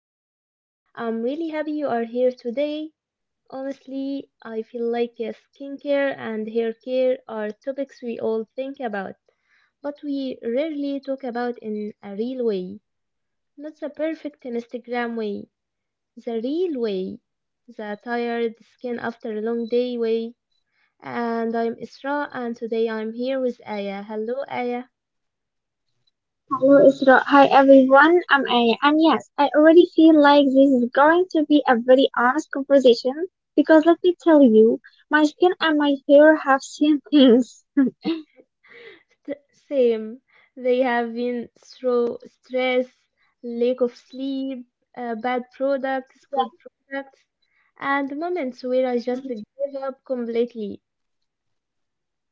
welcome. I'm really happy you are here today. Honestly, I feel like skincare and hair care are topics we all think about, but we rarely talk about in a real way. Not the perfect Instagram way, the real way, the tired skin after a long day way. And I'm Isra, and today I'm here with Aya. Hello, Aya. Hello Isra. Hi everyone. I'm Aya. And yes, I already feel like this is going to be a very honest conversation because let me tell you, my skin and my hair have seen things. Same. They have been through stress, lack of sleep, bad products, good products, and moments where I just Exactly. give up completely.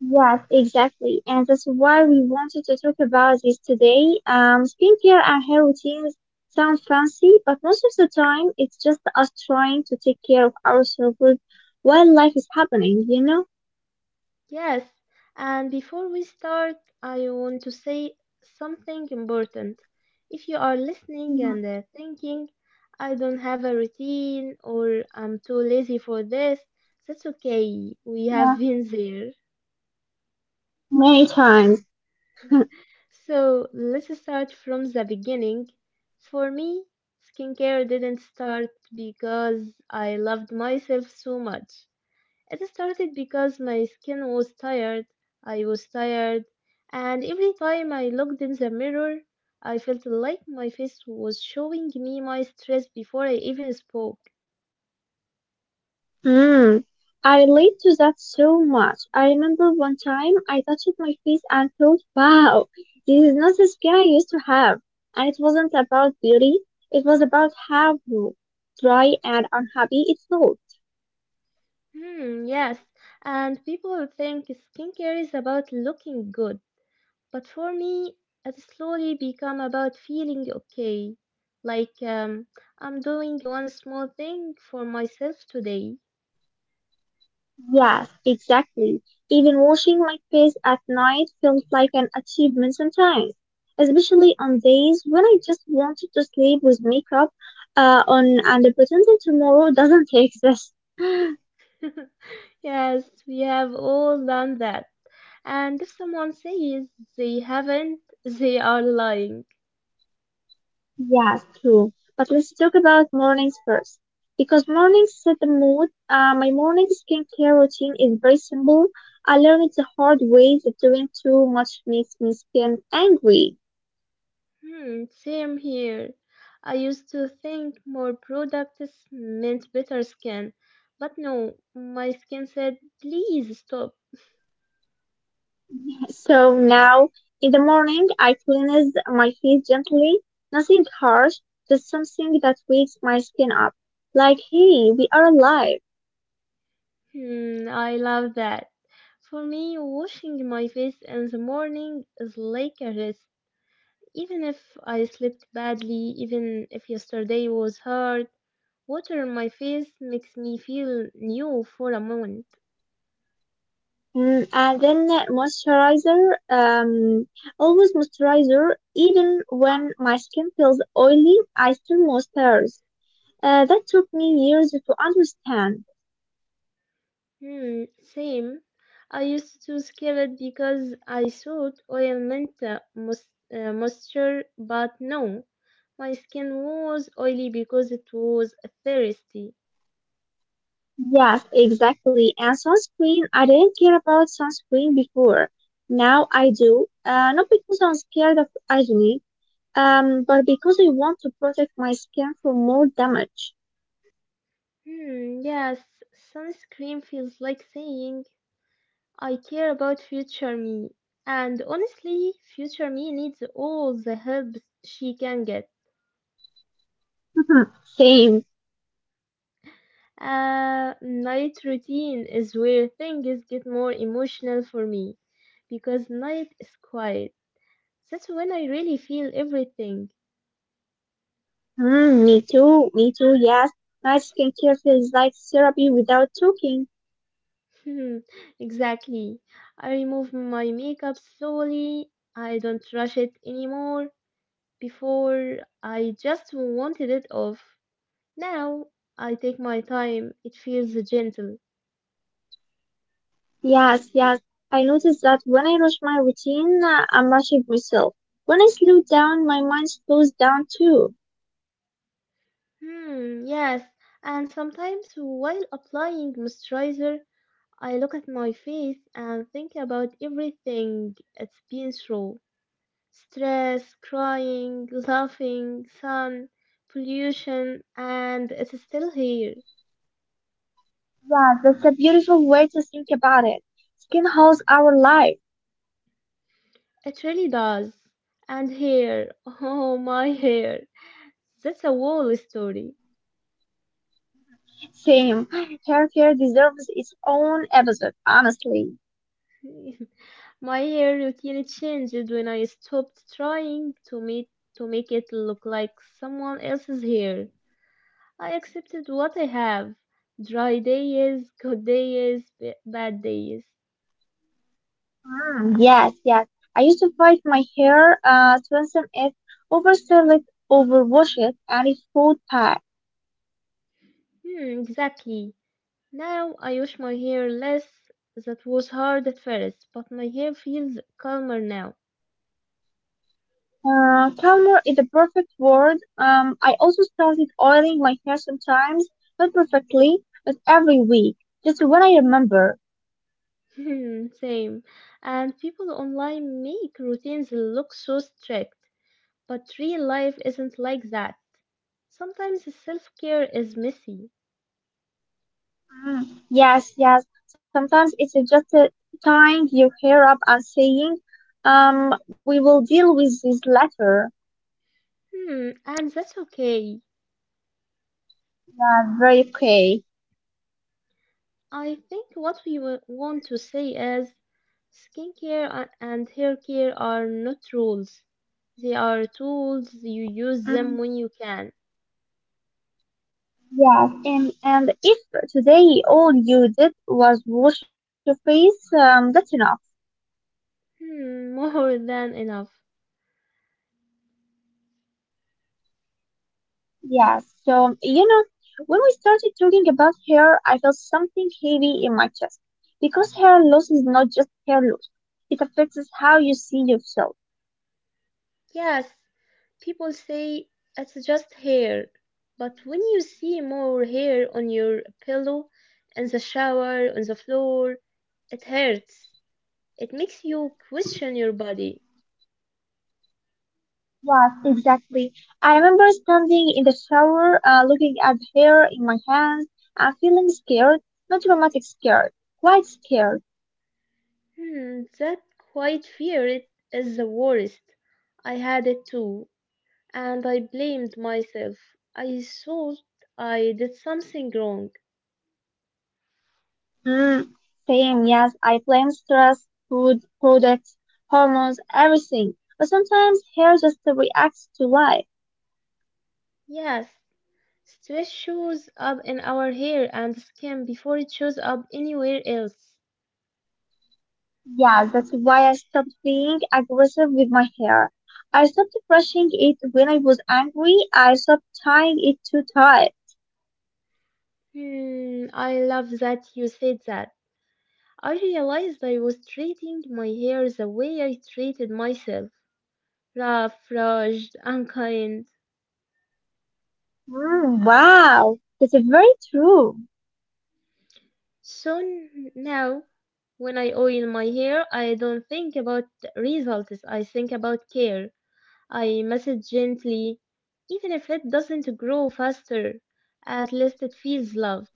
Yes, exactly. And that's why we wanted to talk about this today. Skincare and hair routines sound fancy, but most of the time it's just us trying to take care of ourselves while life is happening, you know? Yes. And before we start, I want to say something important. If you are listening Mhm. and thinking, I don't have a routine or I'm too lazy for this, that's okay. We have Yeah, been there. many times. So let's start from the beginning. For me, skincare didn't start because I loved myself so much. It started because my skin was tired, I was tired, and every time I looked in the mirror, I felt like my face was showing me my stress before I even spoke. Hmm, I relate to that so much. I remember one time I touched my face and thought, wow, this is not the skin I used to have. And it wasn't about beauty, it was about how dry and unhappy it felt. Hmm, yes, and people think skincare is about looking good. But for me, it slowly become about feeling okay. Like I'm doing one small thing for myself today. Yes, exactly. Even washing my face at night felt like an achievement sometimes, especially on days when I just wanted to sleep with makeup on and pretending tomorrow doesn't exist. Yes, we have all done that. And if someone says they haven't, they are lying. Yeah, true. But let's talk about mornings first. Because mornings set the mood. My morning skincare routine is very simple. I learned the hard way that doing too much makes my skin angry. Hmm, same here. I used to think more products meant better skin, but no, my skin said, please stop. So now, in the morning, I cleanse my face gently. Nothing harsh, just something that wakes my skin up. Like, hey, we are alive. Hmm, I love that. For me, washing my face in the morning is like a rest. Even if I slept badly, even if yesterday was hard, water on my face makes me feel new for a moment. Mm, and then moisturizer, always moisturizer, even when my skin feels oily, I still moisturize. That took me years to understand. Hmm, same. I used to skip it because I thought oil meant moisture, but no. My skin was oily because it was thirsty. Yes, exactly. And sunscreen, I didn't care about sunscreen before. Now I do. Not because I'm scared of acne, but because I want to protect my skin from more damage. Hmm, yes, sunscreen feels like saying, I care about future me. And honestly, future me needs all the help she can get. Same. Night routine is where things get more emotional for me because night is quiet. That's when I really feel everything. Mm, me too, yes. My skincare feels like therapy without talking. exactly. I remove my makeup slowly. I don't rush it anymore. Before, I just wanted it off. Now I take my time, it feels gentle. Yes, yes. I notice that when I rush my routine, I'm rushing myself. When I slow down, my mind slows down too. Hmm, yes, and sometimes while applying moisturizer, I look at my face and think about everything it's been through stress, crying, laughing, sun, pollution, and it's still here. Yeah, that's a beautiful way to think about it. Skin holds our life. It really does. And hair, oh my hair, that's a whole story. Same. Hair care deserves its own episode, honestly. My hair routine changed when I stopped trying to meet to make it look like someone else's hair. I accepted what I have. Dry days, good days, bad days. Mm, yes, yes. I used to fight my hair, strengthen it, overstyle it, overwash it, and it fall back. Hmm, exactly. Now I wash my hair less. That was hard at first, but my hair feels calmer now. Calmer is the perfect word. I also started oiling my hair sometimes, not perfectly, but every week, just when I remember. Hmm, same. And people online make routines look so strict. But real life isn't like that. Sometimes self-care is messy. Mm, yes, yes. Sometimes it's just tying your hair up and saying, we will deal with this later. Hmm, and that's okay. Yeah, very okay. I think what want to say is skincare and hair care are not rules. They are tools. You use Mm, them when you can. yes, and if today all you did was wash your face, that's enough. Hmm, more than enough. Yes, so you know, when we started talking about hair, I felt something heavy in my chest because hair loss is not just hair loss; it affects how you see yourself. Yes, people say it's just hair. But when you see more hair on your pillow, in the shower, on the floor, it hurts. It makes you question your body. Yes, exactly. I remember standing in the shower, looking at the hair in my hands and feeling scared, not dramatic scared, quite scared. Hmm, that quiet fear it is the worst. I had it too, and I blamed myself. I thought I did something wrong. Mm, same, yes, I blame stress, food, products, hormones, everything. But sometimes hair just reacts to life. Yes, stress shows up in our hair and skin before it shows up anywhere else. Yeah, that's why I stopped being aggressive with my hair. I stopped brushing it when I was angry. I stopped tying it too tight. Hmm, I love that you said that. I realized I was treating my hair the way I treated myself rough, rushed, unkind. Mm, wow, that's very true. So now, when I oil my hair, I don't think about results, I think about care. I massage gently, even if it doesn't grow faster. At least it feels loved.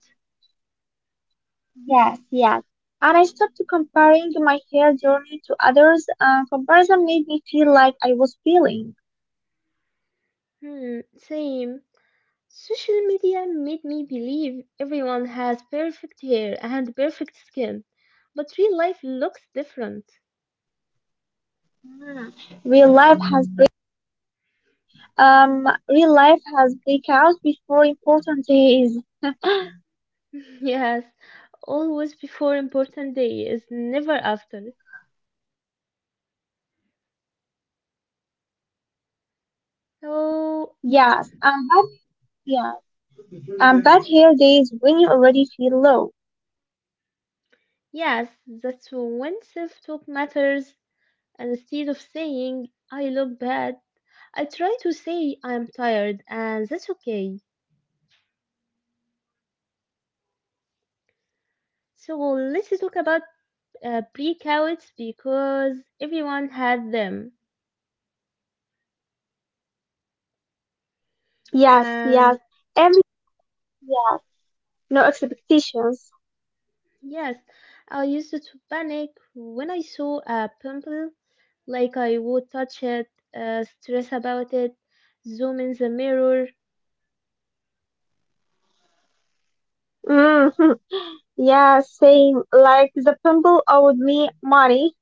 Yes, yes. And I stopped comparing my hair journey to others. Comparison made me feel like I was failing. Hmm, same. Social media made me believe everyone has perfect hair and perfect skin, but real life looks different. Mm, real life has break. Real life has breakouts before important days. yes, always before important day is never after. Oh. Yes, and that, yeah. But here there is when you already feel low. Yes, that's when self talk matters. And instead of saying, I look bad, I try to say, I'm tired, and that's okay. So let's talk about breakouts because everyone had them. Yes, yes. And Everyone. Yes. No expectations. yes, I used to panic when I saw a pimple, like I would touch it, stress about it, zoom in the mirror. Mm-hmm. Yeah, same. Like the pimple owed me money.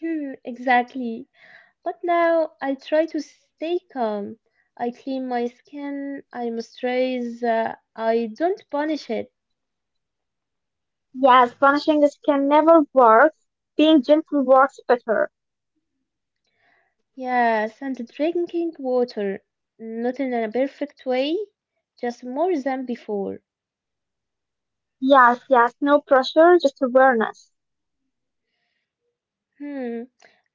Hmm, exactly. But now I try to stay calm. I clean my skin, I moisturize, I don't punish it. Yes, punishing is can never work. Being gentle works better. Yes, and drinking water. Not in a perfect way, just more than before. Yes, yes. No pressure, just awareness. Hmm,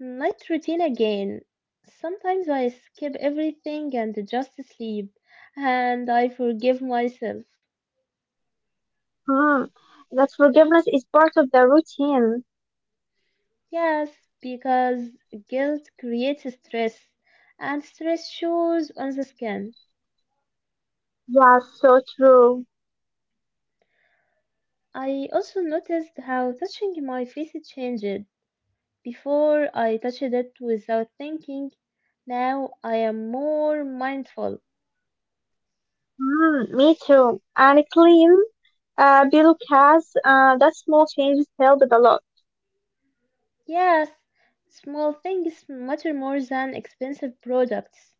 night routine again. Sometimes I skip everything and just sleep, and I forgive myself. Hmm. That forgiveness is part of the routine. Yes, because guilt creates stress, and stress shows on the skin. Yes, so true. I also noticed how touching my face changed. Before I touched it without thinking. Now I am more mindful. Mm, me too. And clean bill cast, that small changes helped a lot. Yes, small things matter more than expensive products.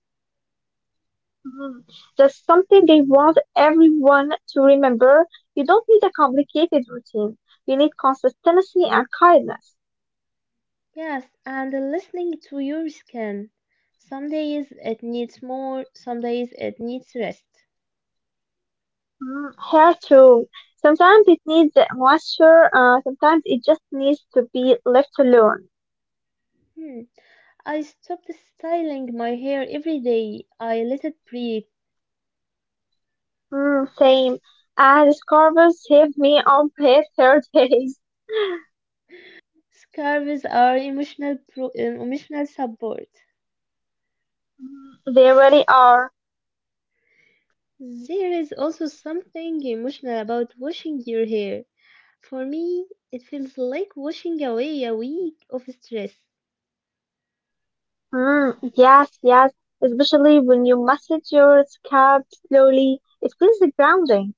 Mm. That's something they want everyone to remember. You don't need a complicated routine. You need consistency and kindness. Yes, and listening to your skin. Some days it needs more, some days it needs rest. Mm, hair too. Sometimes it needs moisture. Sometimes it just needs to be left alone. Hmm. I stopped styling my hair every day. I let it breathe. Mm, same. And scarves saved me on past hair days. Scarves are emotional support. Mm, they really are. There is also something emotional about washing your hair. For me, it feels like washing away a week of stress. Mm, yes, yes. Especially when you massage your scalp slowly, it feels grounding.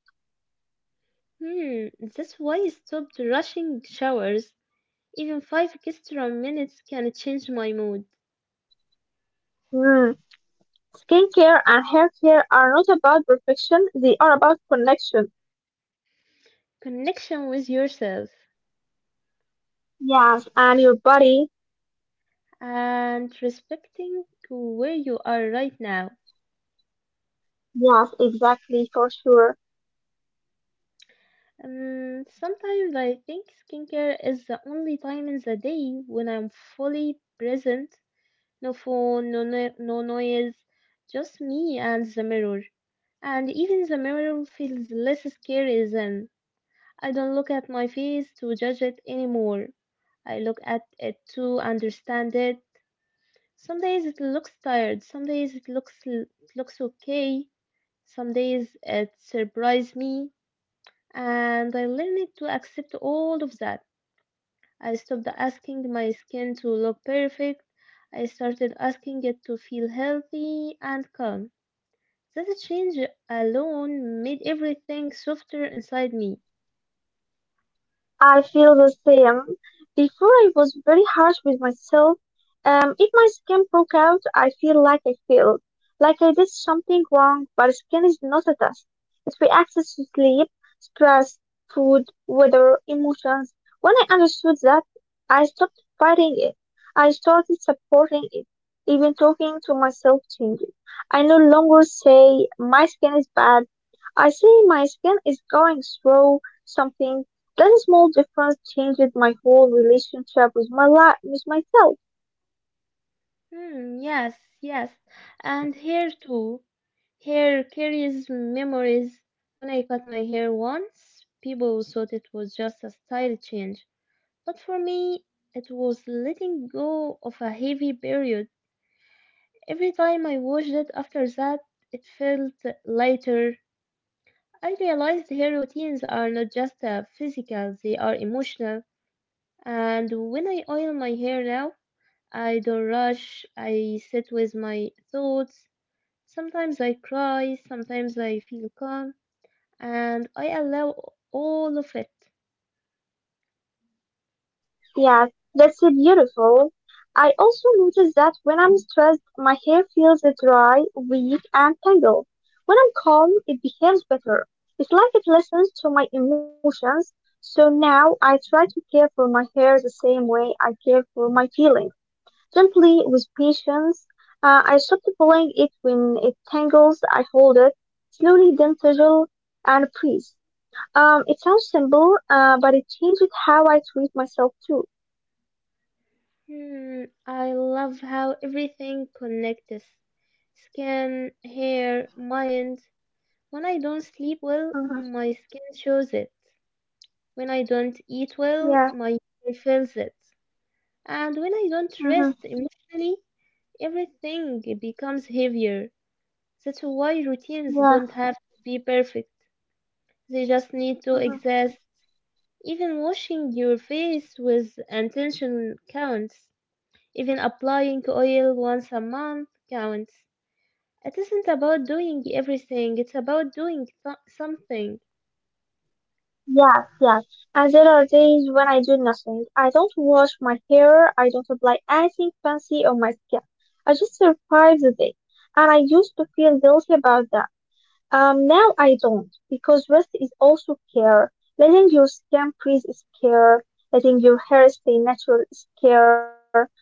Hmm, that's why I stopped rushing showers. Even five extra minutes can change my mood. Mm. Skincare and haircare are not about perfection, they are about connection. Connection with yourself Yes, and your body. and respecting where you are right now. Yes, exactly, for sure. Sometimes I think skincare is the only time in the day when I'm fully present. No phone, no noise, just me and the mirror. And even the mirror feels less scary then. I don't look at my face to judge it anymore. I look at it to understand it. Some days it looks tired, some days it looks okay, some days it surprises me, and I learned to accept all of that. I stopped asking my skin to look perfect. I started asking it to feel healthy and calm. That change alone made everything softer inside me. I feel the same. Before I was very harsh with myself. If my skin broke out, I feel like I failed, like I did something wrong. But skin is not a test. It reacts to sleep, stress, food, weather, emotions. When I understood that, I stopped fighting it. I started supporting it. Even talking to myself changed. I no longer say my skin is bad. I say my skin is going through something that small difference changed my whole relationship with my life, with myself. Hmm, yes, yes. And hair too. Hair carries memories. When I cut my hair once, people thought it was just a style change. But for me, it was letting go of a heavy period. Every time I washed it after that, it felt lighter. I realized hair routines are not just physical, they are emotional. And when I oil my hair now, I don't rush. I sit with my thoughts. Sometimes I cry. Sometimes I feel calm. And I allow all of it. Yes, that's so beautiful. I also noticed that when I'm stressed, my hair feels dry, weak, and tangled. When I'm calm, it behaves better. It's like it listens to my emotions. So now I try to care for my hair the same way I care for my feelings, gently with patience. I stop pulling it when it tangles. I hold it slowly, then tizzle and breathe. It sounds simple, but it changes how I treat myself too. Hmm, I love how everything connects skin, hair, mind. When I don't sleep well, Mm-hmm. my skin shows it. When I don't eat well, Yeah. my hair feels it. And when I don't Mm-hmm. rest emotionally, everything becomes heavier. That's why routines don't Yeah. have to be perfect. They just need to Mm-hmm. exist. Even washing your face with intention counts. Even applying oil once a month counts. It isn't about doing everything, it's about doing something. Yes, yes. And there are days when I do nothing. I don't wash my hair. I don't apply anything fancy on my skin. I just survive the day. And I used to feel guilty about that. Now I don't because rest is also care. Letting your skin breathe is care. Letting your hair stay natural is care.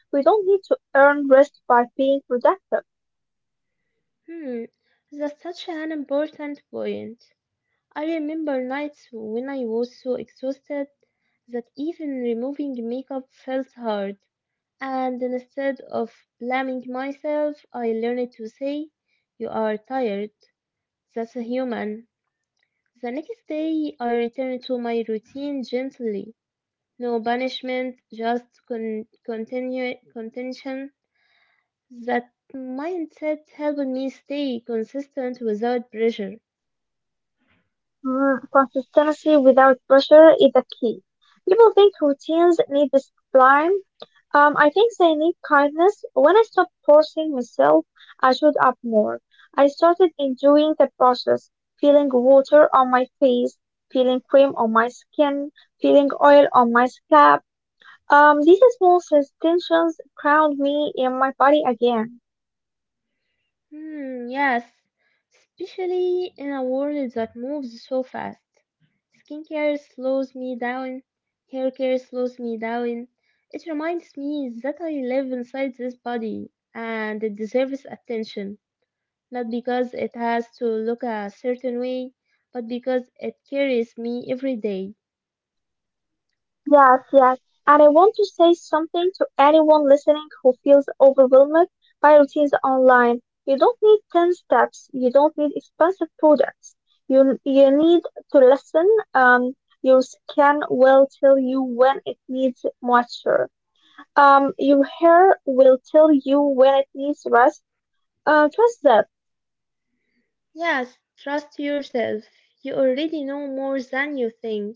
We don't need to earn rest by being productive. Hmm, that's such an important point. I remember nights when I was so exhausted that even removing makeup felt hard. And instead of blaming myself, I learned to say, you are tired. That's human. The next day, I returned to my routine gently. No punishment, just contention. That mindset helped me stay consistent without pressure. Mm, consistency without pressure is the key. People think routines need discipline. I think they need kindness. When I stopped forcing myself, I showed up more. I started enjoying the process, feeling water on my face, feeling cream on my skin, feeling oil on my scalp. These small sensations ground me in my body again. Hmm, yes, especially in a world that moves so fast. Skincare slows me down, hair care slows me down. It reminds me that I live inside this body and it deserves attention, not because it has to look a certain way, but because it carries me every day. Yes, yes. And I want to say something to anyone listening who feels overwhelmed by routines online. You don't need 10 steps. You don't need expensive products. You need to listen. Um, your skin will tell you when it needs moisture. Your hair will tell you when it needs rest. Trust that. Yes, trust yourself. You already know more than you think.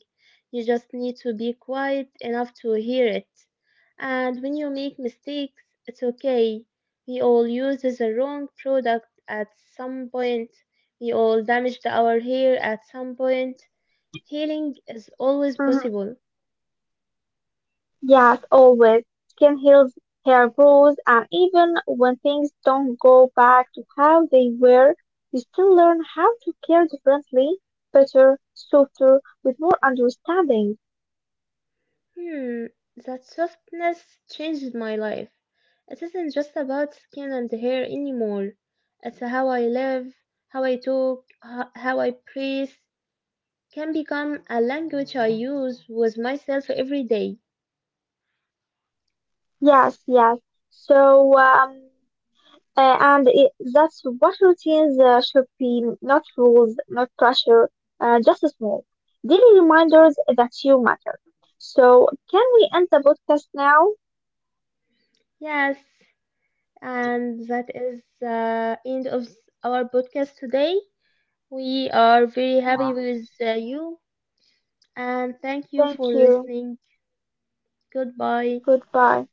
You just need to be quiet enough to hear it. And when you make mistakes, it's okay. We all use the wrong product at some point. We all damaged our hair at some point. Healing is always Mm-hmm. possible. Yes, always. Skin heals, hair grows, and even when things don't go back to how they were, you still learn how to care differently, better, softer, with more understanding. Hmm, that softness changed my life. It isn't just about skin and hair anymore. It's how I live, how I talk, how I breathe can become a language I use with myself every day. Yes, yes. So, that's what routines should be, not rules, not pressure, just small daily reminders that you matter. So, can we end the podcast now? Yes, and that is the end of our podcast today. We are very happy Yeah. with you and thank you for Thank you. listening. Goodbye. Goodbye.